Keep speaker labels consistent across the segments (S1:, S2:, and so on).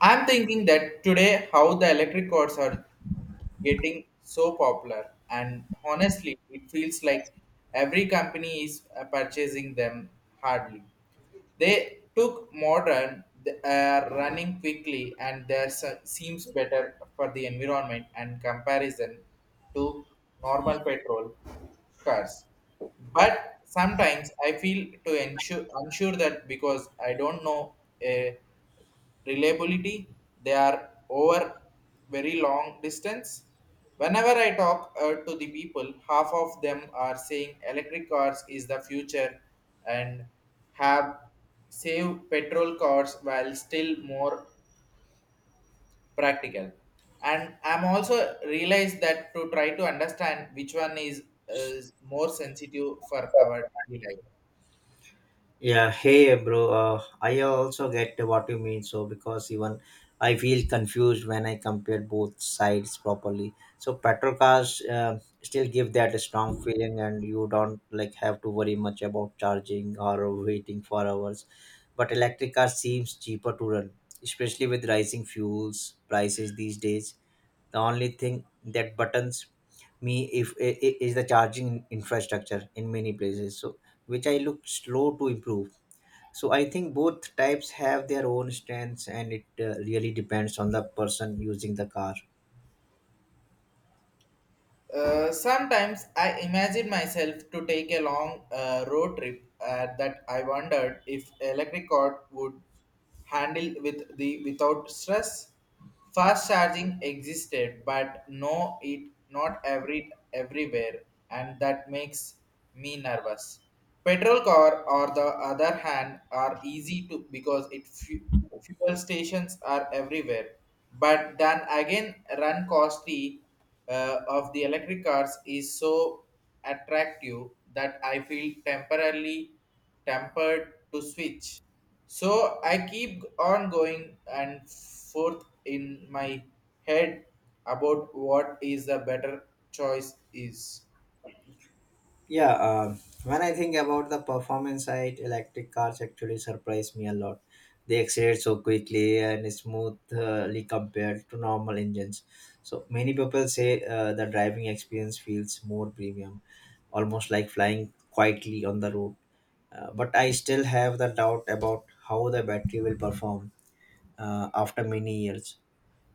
S1: I'm thinking that today how the electric cars are getting so popular, and honestly, it feels like every company is purchasing them hardly. They took modern, they are running quickly, and there seems better for the environment and comparison to normal petrol cars. But sometimes I feel to ensure unsure that because I don't know a reliability they are over very long distance whenever I talk to the people half of them are saying electric cars is the future and have save petrol cars while still more practical and I'm also realized that to try to understand which one is more sensitive for our daily life.
S2: Yeah, hey bro, I also get what you mean. So because even I feel confused when I compare both sides properly. So petrol cars still give that strong feeling, and you don't like have to worry much about charging or waiting for hours. But electric car seems cheaper to run, especially with rising fuels prices these days. The only thing that buttons me if I- I- is the charging infrastructure in many places, so which I look slow to improve. So I think both types have their own strengths, and it really depends on the person using the car.
S1: Sometimes I imagine myself to take a long road trip that I wondered if electric cord would handle with the without stress. Fast charging existed, but no, it not everywhere, and that makes me nervous. Petrol car, on the other hand, are easy to because it fuel stations are everywhere, but then again run costly of the electric cars is so attractive that I feel temporarily tempered to switch. So I keep on going and forth in my head about what is the better choice is.
S2: Yeah, when I think about the performance side, electric cars actually surprise me a lot. They accelerate so quickly and smoothly compared to normal engines. So many people say the driving experience feels more premium, almost like flying quietly on the road. But I still have the doubt about how the battery will perform after many years.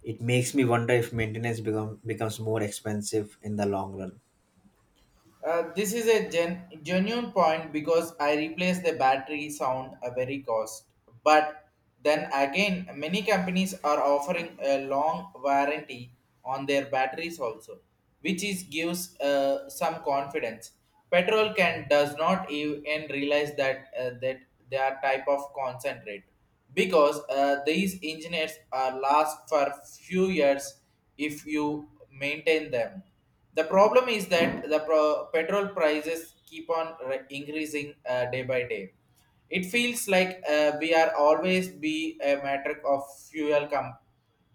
S2: It makes me wonder if maintenance becomes more expensive in the long run.
S1: This is a genuine point because I replace the battery sound a very cost. But then again, many companies are offering a long warranty on their batteries also, which is gives some confidence. Petrol can does not even realize that that they are type of concentrate because these engineers are last for few years if you maintain them. The problem is that the petrol prices keep on increasing day by day. It feels like we are always be a matter of fuel com-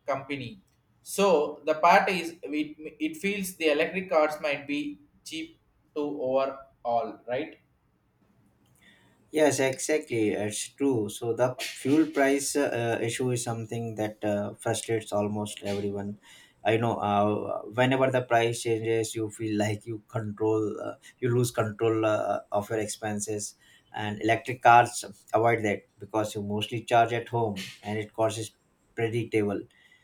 S1: company. So the part is it feels the electric cars might be cheap to overall, right?
S2: Yes, exactly. It's true. So the fuel price issue is something that frustrates almost everyone. I know. Whenever the price changes, you feel like you lose control of your expenses. And electric cars avoid that because you mostly charge at home, and it cost is predictable.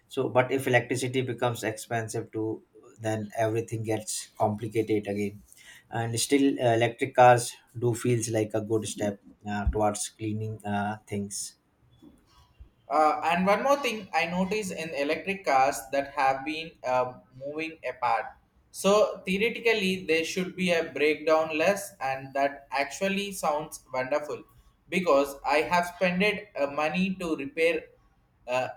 S2: So, but if electricity becomes expensive too, then everything gets complicated again, and still electric cars do feels like a good step towards cleaning things.
S1: And one more thing I notice in electric cars that have been moving apart. So theoretically, there should be a breakdown less, and that actually sounds wonderful because I have spent money to repair. Uh,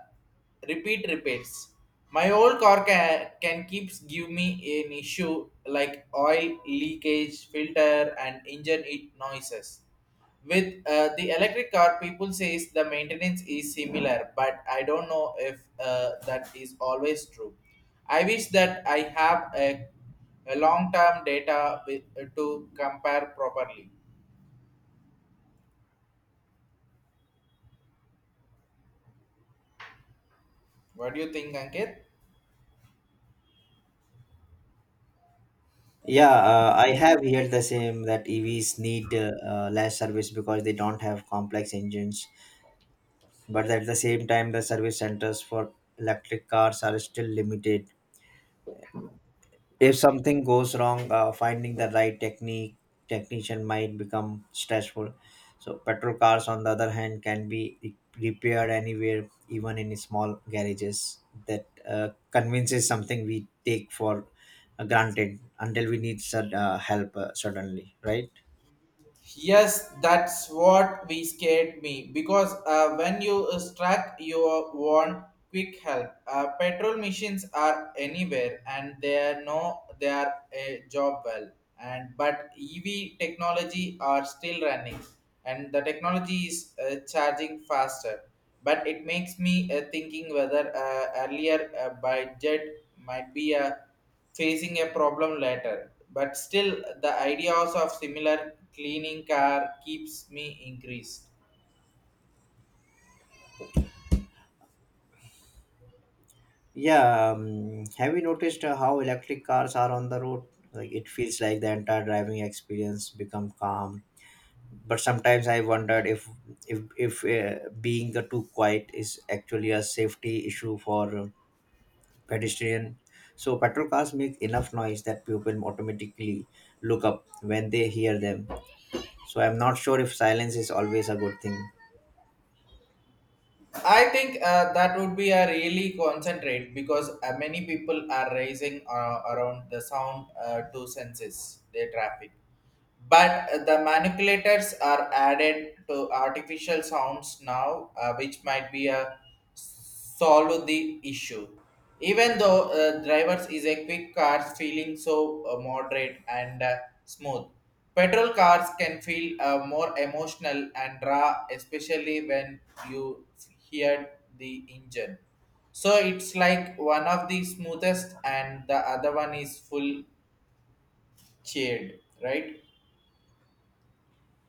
S1: Repeat repeats. My old car can keeps give me an issue like oil leakage, filter, and engine it noises. With the electric car, people says the maintenance is similar, but I don't know if that is always true. I wish that I a long-term data with, to compare properly. What do you think, Ankit?
S2: Yeah, I have heard the same that EVs need less service because they don't have complex engines, but at the same time the service centers for electric cars are still limited. If something goes wrong, finding the right technique technician might become stressful. So petrol cars on the other hand can be repaired anywhere, even in small garages. That convinces something we take for granted until we need help suddenly, right?
S1: Yes, that's what we scared me because when you struck, you want quick help. Petrol machines are anywhere, and they are no, they are a job well. And but EV technology are still running, and the technology is charging faster. But it makes me thinking whether earlier budget might be a facing a problem later. But still, the ideas of similar cleaning car keeps me increased.
S2: Yeah, have you noticed how electric cars are on the road? Like, it feels like the entire driving experience become calm, but sometimes I wondered if if being too quiet is actually a safety issue for pedestrian. So petrol cars make enough noise that people automatically look up when they hear them. So I'm not sure if silence is always a good thing.
S1: I think that would be a really concentrate because many people are raising around the sound to senses their traffic. But the manipulators are added to artificial sounds now, which might be a solve the issue. Even though drivers is a quick cars feeling so moderate and smooth, petrol cars can feel more emotional and raw, especially when you hear the engine. So it's like one of the smoothest and the other one is full cheered, right?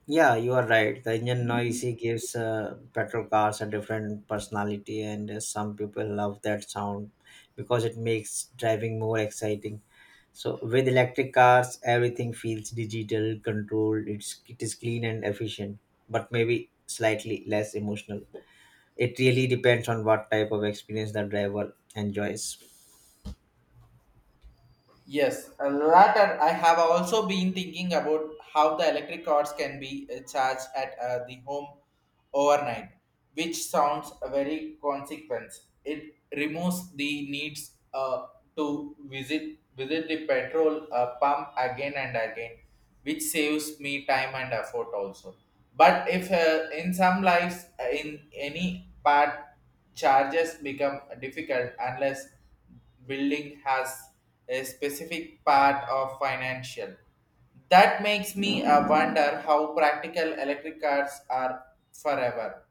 S2: Yeah, you are right. The engine noise it gives petrol cars a different personality, and some people love that sound because it makes driving more exciting. So with electric cars, everything feels digital, controlled. It is clean and efficient, but maybe slightly less emotional. It really depends on what type of experience the driver enjoys.
S1: Yes, a lot. I have also been thinking about how the electric cars can be charged at the home overnight, which sounds a very consequence. It removes the needs to visit the petrol pump again and again, which saves me time and effort also. But if in some lives in any part charges become difficult unless building has a specific part of financial. That makes me wonder how practical electric cars are forever,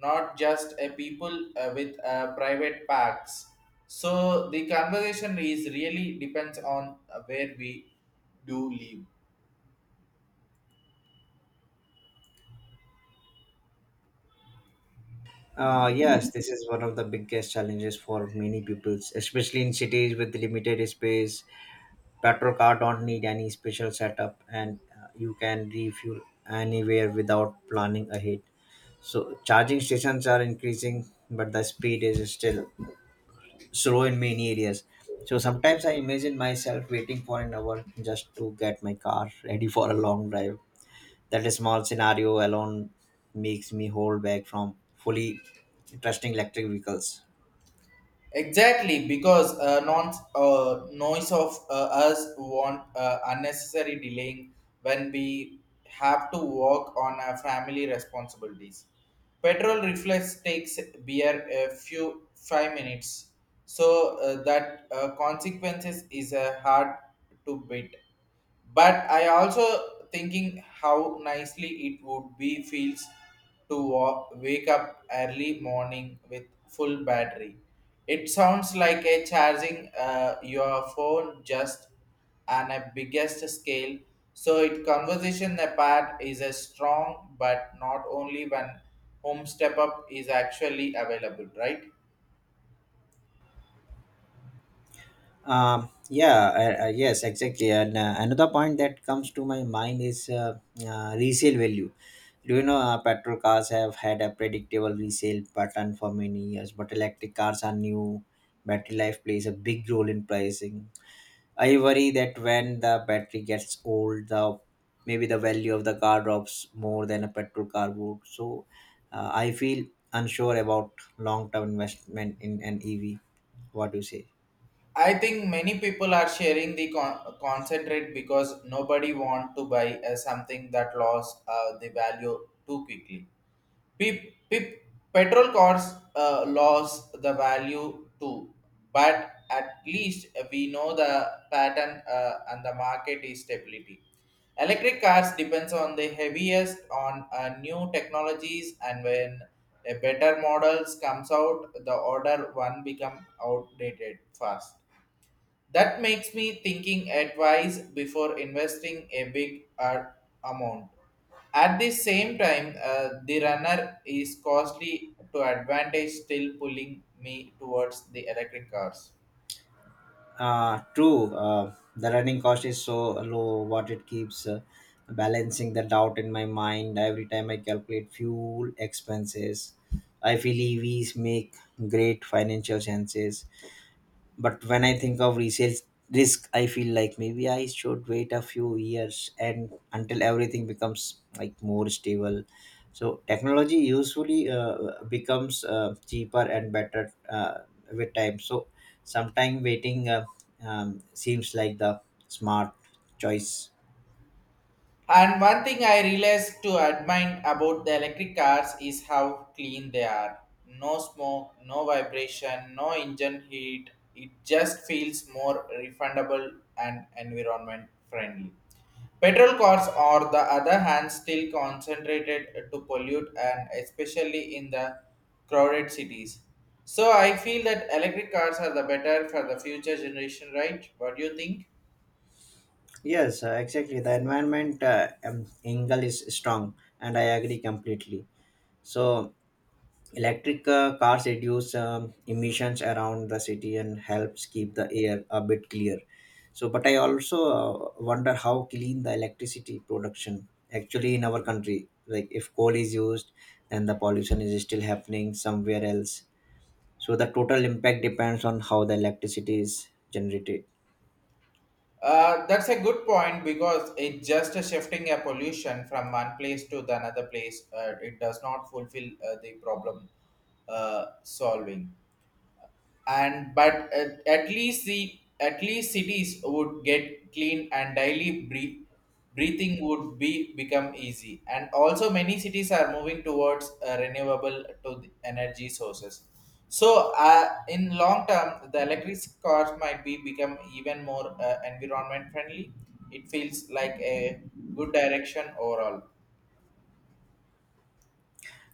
S1: not just a people with private packs. So the conversation is really depends on where we do live.
S2: Yes, this is one of the biggest challenges for many people, especially in cities with limited space. Petrol car don't need any special setup, and you can refuel anywhere without planning ahead. So charging stations are increasing, but the speed is still slow in many areas. So sometimes I imagine myself waiting for an hour just to get my car ready for a long drive. That small scenario alone makes me hold back from fully trusting electric vehicles.
S1: Exactly, because non noise of us want unnecessary delaying when we have to work on our family responsibilities. Petrol reflex takes beer a few 5 minutes, so that consequences is hard to beat, but I also thinking how nicely it would be feels to wake up early morning with full battery. It sounds like a charging your phone just on a biggest scale. So it conversation apart is a strong but not only when home step up is actually available, right?
S2: Yeah, yes, exactly. And another point that comes to my mind is resale value. Do you know petrol cars have had a predictable resale pattern for many years, but electric cars are new. Battery life plays a big role in pricing. I worry that when the battery gets old, the maybe the value of the car drops more than a petrol car would. So I feel unsure about long-term investment in an EV. What do you say?
S1: I think many people are sharing the concentrate because nobody want to buy something that lost the value too quickly. Pe- pe- Petrol cars lost the value too, but at least we know the pattern and the market is stability. Electric cars depends on the heaviest on new technologies and when a better models comes out, the order one become outdated fast. That makes me thinking advice before investing a big amount. At the same time, the runner is costly to advantage still pulling me towards the electric cars.
S2: True. The running cost is so low, what it keeps balancing the doubt in my mind every time I calculate fuel expenses. I feel EVs make great financial chances, but when I think of resale risk, I feel like maybe I should wait a few years and until everything becomes like more stable. So technology usually becomes cheaper and better with time, so sometime waiting seems like the smart choice.
S1: And one thing I realized to admire about the electric cars is how clean they are. No smoke, no vibration, no engine heat. It just feels more refundable and environment friendly. Petrol cars, on the other hand, still concentrated to pollute and especially in the crowded cities. So I feel that electric cars are the better for the future generation, right? What do you think?
S2: Yes, exactly, the environment angle is strong, and I agree completely. So electric cars reduce emissions around the city and helps keep the air a bit clear. So, but I also wonder how clean the electricity production actually in our country. Like, if coal is used, then the pollution is still happening somewhere else. So the total impact depends on how the electricity is generated.
S1: That's a good point because it just shifting a pollution from one place to the another place. It does not fulfill the problem solving. And but at least the at least cities would get clean and daily breathing would be become easy. And also many cities are moving towards renewable to the energy sources, so in long term the electric cars might be become even more environment friendly. It feels like a good direction overall.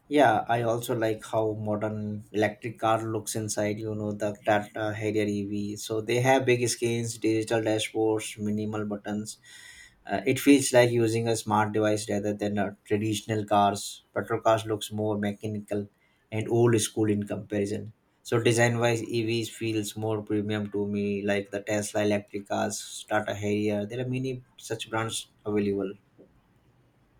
S2: Yeah, I also like how modern electric car looks inside. You know the Tata Harrier EV. So they have big screens, digital dashboards, minimal buttons. It feels like using a smart device rather than a traditional cars. Petrol cars looks more mechanical and old school in comparison. So design wise, EVs feels more premium to me, like the Tesla electric cars, Tata Harrier. There are many such brands available.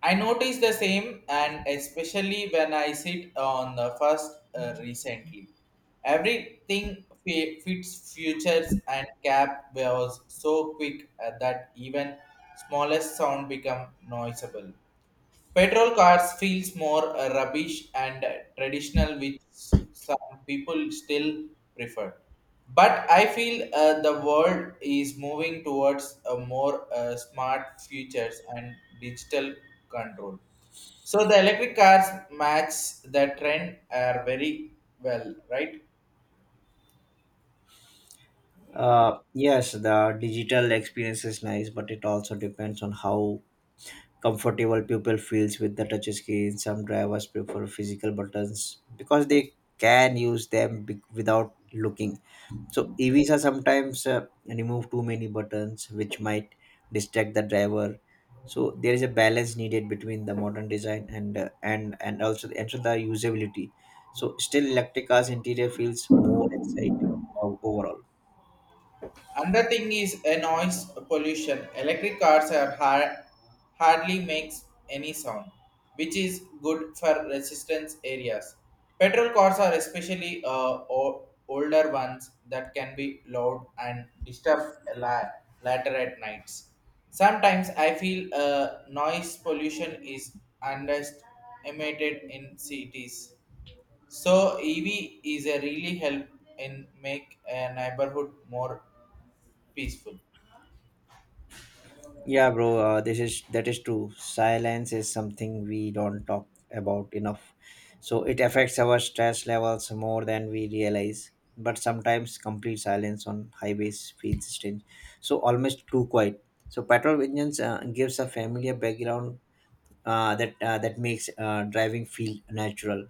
S1: I notice the same, and especially when I sit on the first recently. Everything fits futures and cap was so quick that even smallest sound become noticeable. Petrol cars feels more rubbish and traditional, which some people still prefer. But I feel the world is moving towards a more smart futures and digital control. So the electric cars match the trend are very well, right?
S2: Yes, the digital experience is nice, but it also depends on how comfortable people feels with the touch screen. Some drivers prefer physical buttons because they can use them without looking. So EVs are sometimes remove too many buttons, which might distract the driver. So there is a balance needed between the modern design and the usability. So still, electric cars interior feels more exciting overall.
S1: Another thing is a noise pollution. Electric cars are hardly makes any sound, which is good for resistance areas. Petrol cars are especially older ones that can be loud and disturb later at nights. Sometimes I feel noise pollution is underestimated in cities. So EV is a really help in make a neighborhood more peaceful.
S2: Yeah, bro, this is that is true. Silence is something we don't talk about enough. So it affects our stress levels more than we realize. But sometimes complete silence on highways feels strange. So almost too quiet. So petrol engines gives a familiar background , that makes driving feel natural.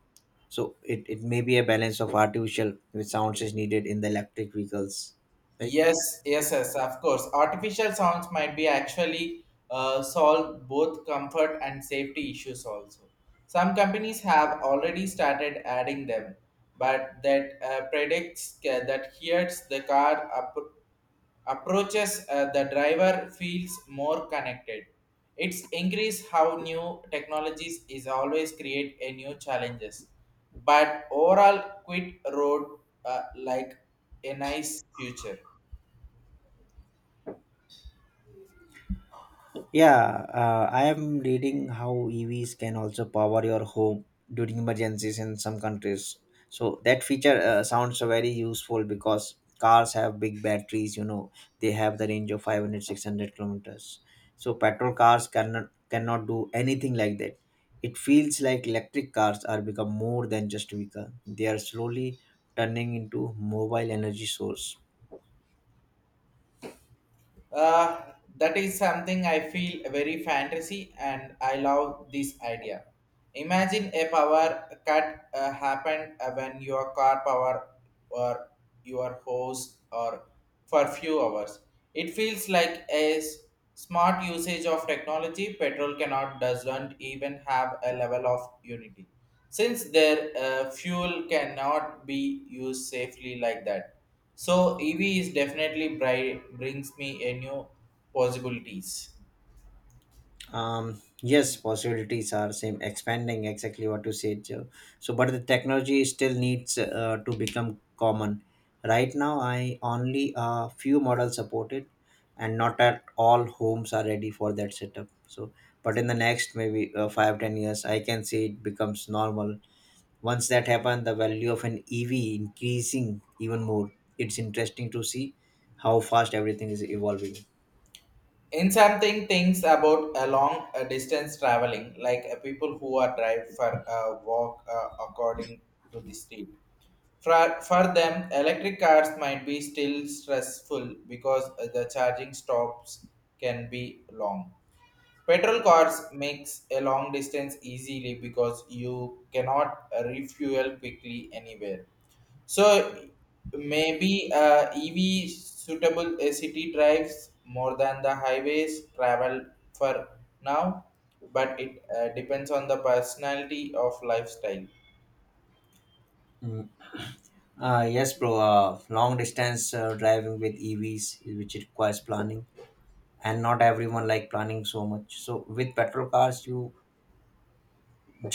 S2: So it may be a balance of artificial which sounds is needed in the electric vehicles, right?
S1: Yes, yes, yes, of course. Artificial sounds might be actually solve both comfort and safety issues also. Some companies have already started adding them, but that predicts that hears the car up approaches the driver feels more connected. It's increase how new technologies is always create a new challenges, but overall quit road like a nice future.
S2: Yeah, I am reading how EVs can also power your home during emergencies in some countries. So that feature sounds very useful because cars have big batteries, they have the range of 500, 600 kilometers. So petrol cars cannot do anything like that. It feels like electric cars are become more than just vehicle. They are slowly turning into mobile energy source.
S1: That is something I feel very fantasy and I love this idea. Imagine a power cut happened when your car power or your hose or for few hours. It feels like smart usage of technology. Petrol cannot doesn't even have a level of unity since their fuel cannot be used safely like that. So EV is definitely brings me a new possibilities.
S2: Yes, possibilities are same expanding exactly what you said, Joe. So, but the technology still needs to become common. Right now I only a few models supported, and not at all homes are ready for that setup. So, but in the next maybe 5 10 years I can say it becomes normal. Once that happen, the value of an EV increasing even more. It's interesting to see how fast everything is evolving.
S1: In something things about a long distance traveling, like people who are drive for a walk according to the street. For them, electric cars might be still stressful because the charging stops can be long. Petrol cars makes a long distance easily because you cannot refuel quickly anywhere. So maybe EV suitable city drives more than the highways travel for now, but it depends on the personality of lifestyle.
S2: Yes, bro. Long distance driving with EVs, which requires planning, and not everyone like planning so much. So with petrol cars, you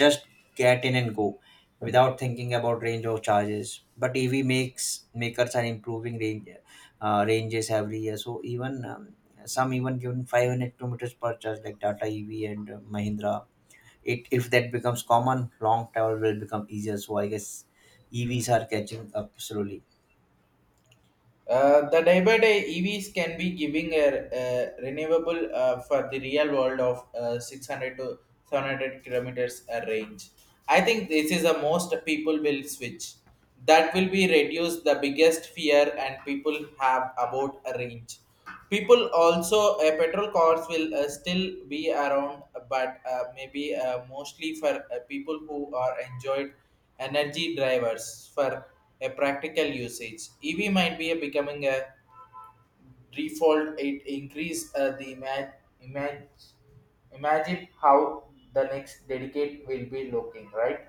S2: just get in and go, without thinking about range or charges. But EV makes makers are improving ranges every year. So even some even given 500 kilometers per charge, like Tata EV and Mahindra. It if that becomes common, long travel will become easier. So I guess EVs are catching up slowly.
S1: The day by day EVs can be giving a renewable for the real world of 600 to 700 kilometers a range. I think this is the most people will switch. That will be reduce the biggest fear and people have about a range. People also petrol cars will still be around, but maybe mostly for people who are enjoyed energy drivers for a practical usage. EV might be a becoming a default. It increase the image. Imagine how the next dedicate will be looking, right?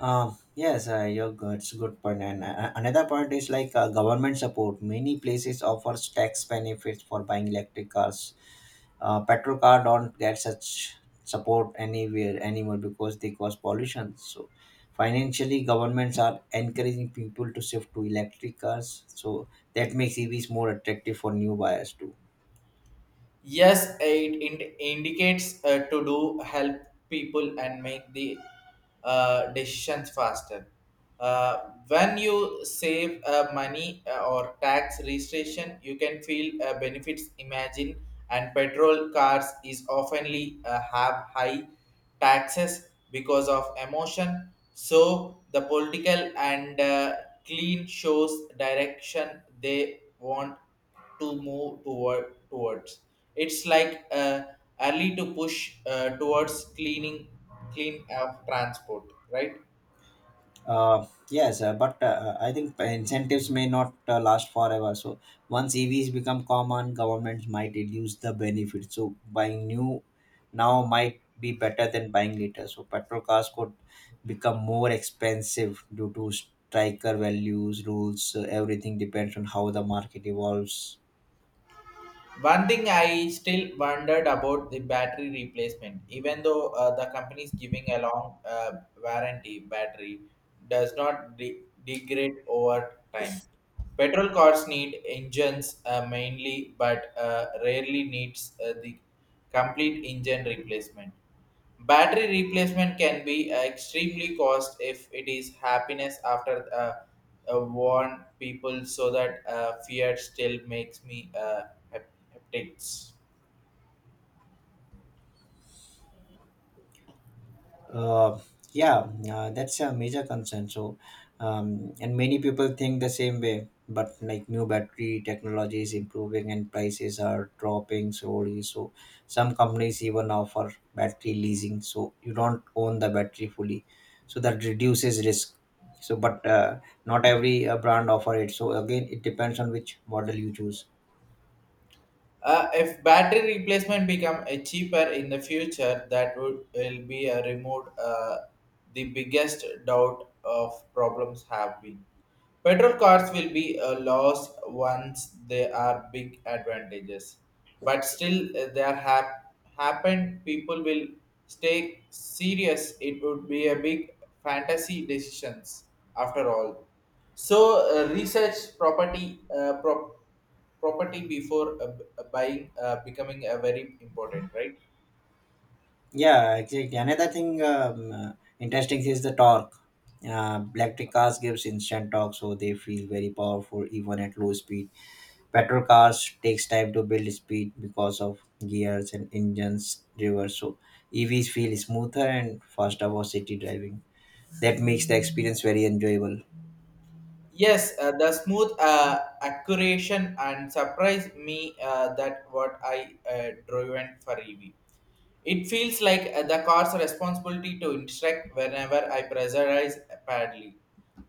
S2: Yes, you're good. It's a good point. And another point is like government support. Many places offers tax benefits for buying electric cars. Petrol car don't get such support anywhere anymore because they cause pollution. So financially, governments are encouraging people to shift to electric cars. So that makes EVs more attractive for new buyers too.
S1: Yes, it indicates to do help people and make the decisions faster. When you save money or tax registration, you can feel benefits. Imagine and petrol cars is oftenly have high taxes because of emotion. So the political and clean shows direction they want to move toward towards. It's like early to push towards clean of transport, right?
S2: Yes, but I think incentives may not last forever. So once EVs become common, governments might reduce the benefit. So buying new now might be better than buying later. So petrol cars could become more expensive due to striker values, rules. So everything depends on how the market evolves.
S1: One thing I still wondered about the battery replacement, even though the company is giving a long warranty, battery does not degrade over time. Petrol cars need engines mainly, but rarely needs the complete engine replacement. Battery replacement can be extremely cost if it is happiness after warn people so that fear still makes me. Heptics.
S2: Uh, yeah, that's a major concern. So, and many people think the same way. But like new battery technology is improving and prices are dropping slowly. So some companies even offer battery leasing. So you don't own the battery fully. So that reduces risk. So, but not every brand offer it. So again, it depends on which model you choose.
S1: If battery replacement become a cheaper in the future, that would will be a removed the biggest doubt of problems have been. Petrol cars will be a loss once they are big advantages, but still happen. People will stay serious. It would be a big fantasy decisions after all. So research property before buying becoming a very important right.
S2: Yeah, exactly. Another thing interesting is the torque. Electric cars gives instant torque, so they feel very powerful even at low speed. Petrol cars takes time to build speed because of gears and engines reverse. So EVs feel smoother and faster for city driving. That makes the experience very enjoyable.
S1: Yes, the smooth accuracy and surprise me that what I driven for EV. It feels like the car's responsibility to instruct whenever I pressurize badly.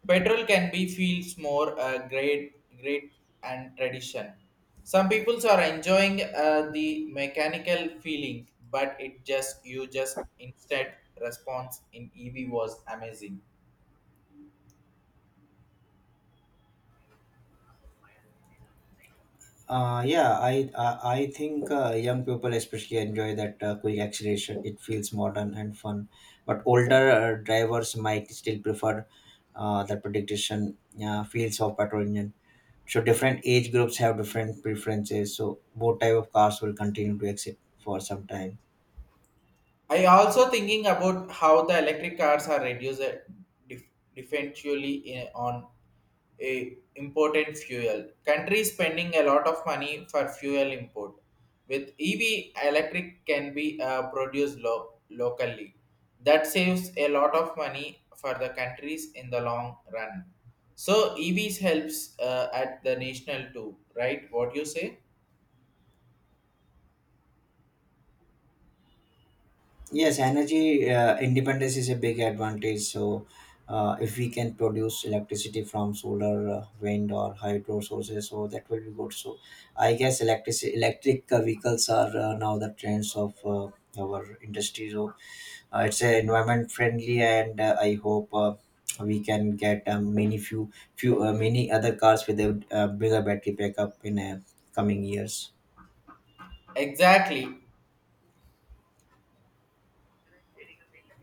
S1: Petrol can be feels more great and tradition. Some peoples are enjoying the mechanical feeling, but it just you just instant response in EV was amazing.
S2: Yeah, I think young people especially enjoy that quick acceleration. It feels modern and fun, but older drivers might still prefer that prediction feels of petrol engine. So different age groups have different preferences. So both type of cars will continue to exist for some time.
S1: I also thinking about how the electric cars are reduced dif- differentially on a important fuel. Countries spending a lot of money for fuel import. With EV, electric can be produced locally. That saves a lot of money for the countries in the long run. So EVs helps at the national too, right? What you say?
S2: Yes, energy independence is a big advantage. So, if we can produce electricity from solar, wind, or hydro sources, so that will be good. So, I guess electric vehicles are now the trends of our industry. So, it's environment friendly, and I hope. We can get many few few many other cars with a bigger battery backup in coming years.
S1: Exactly.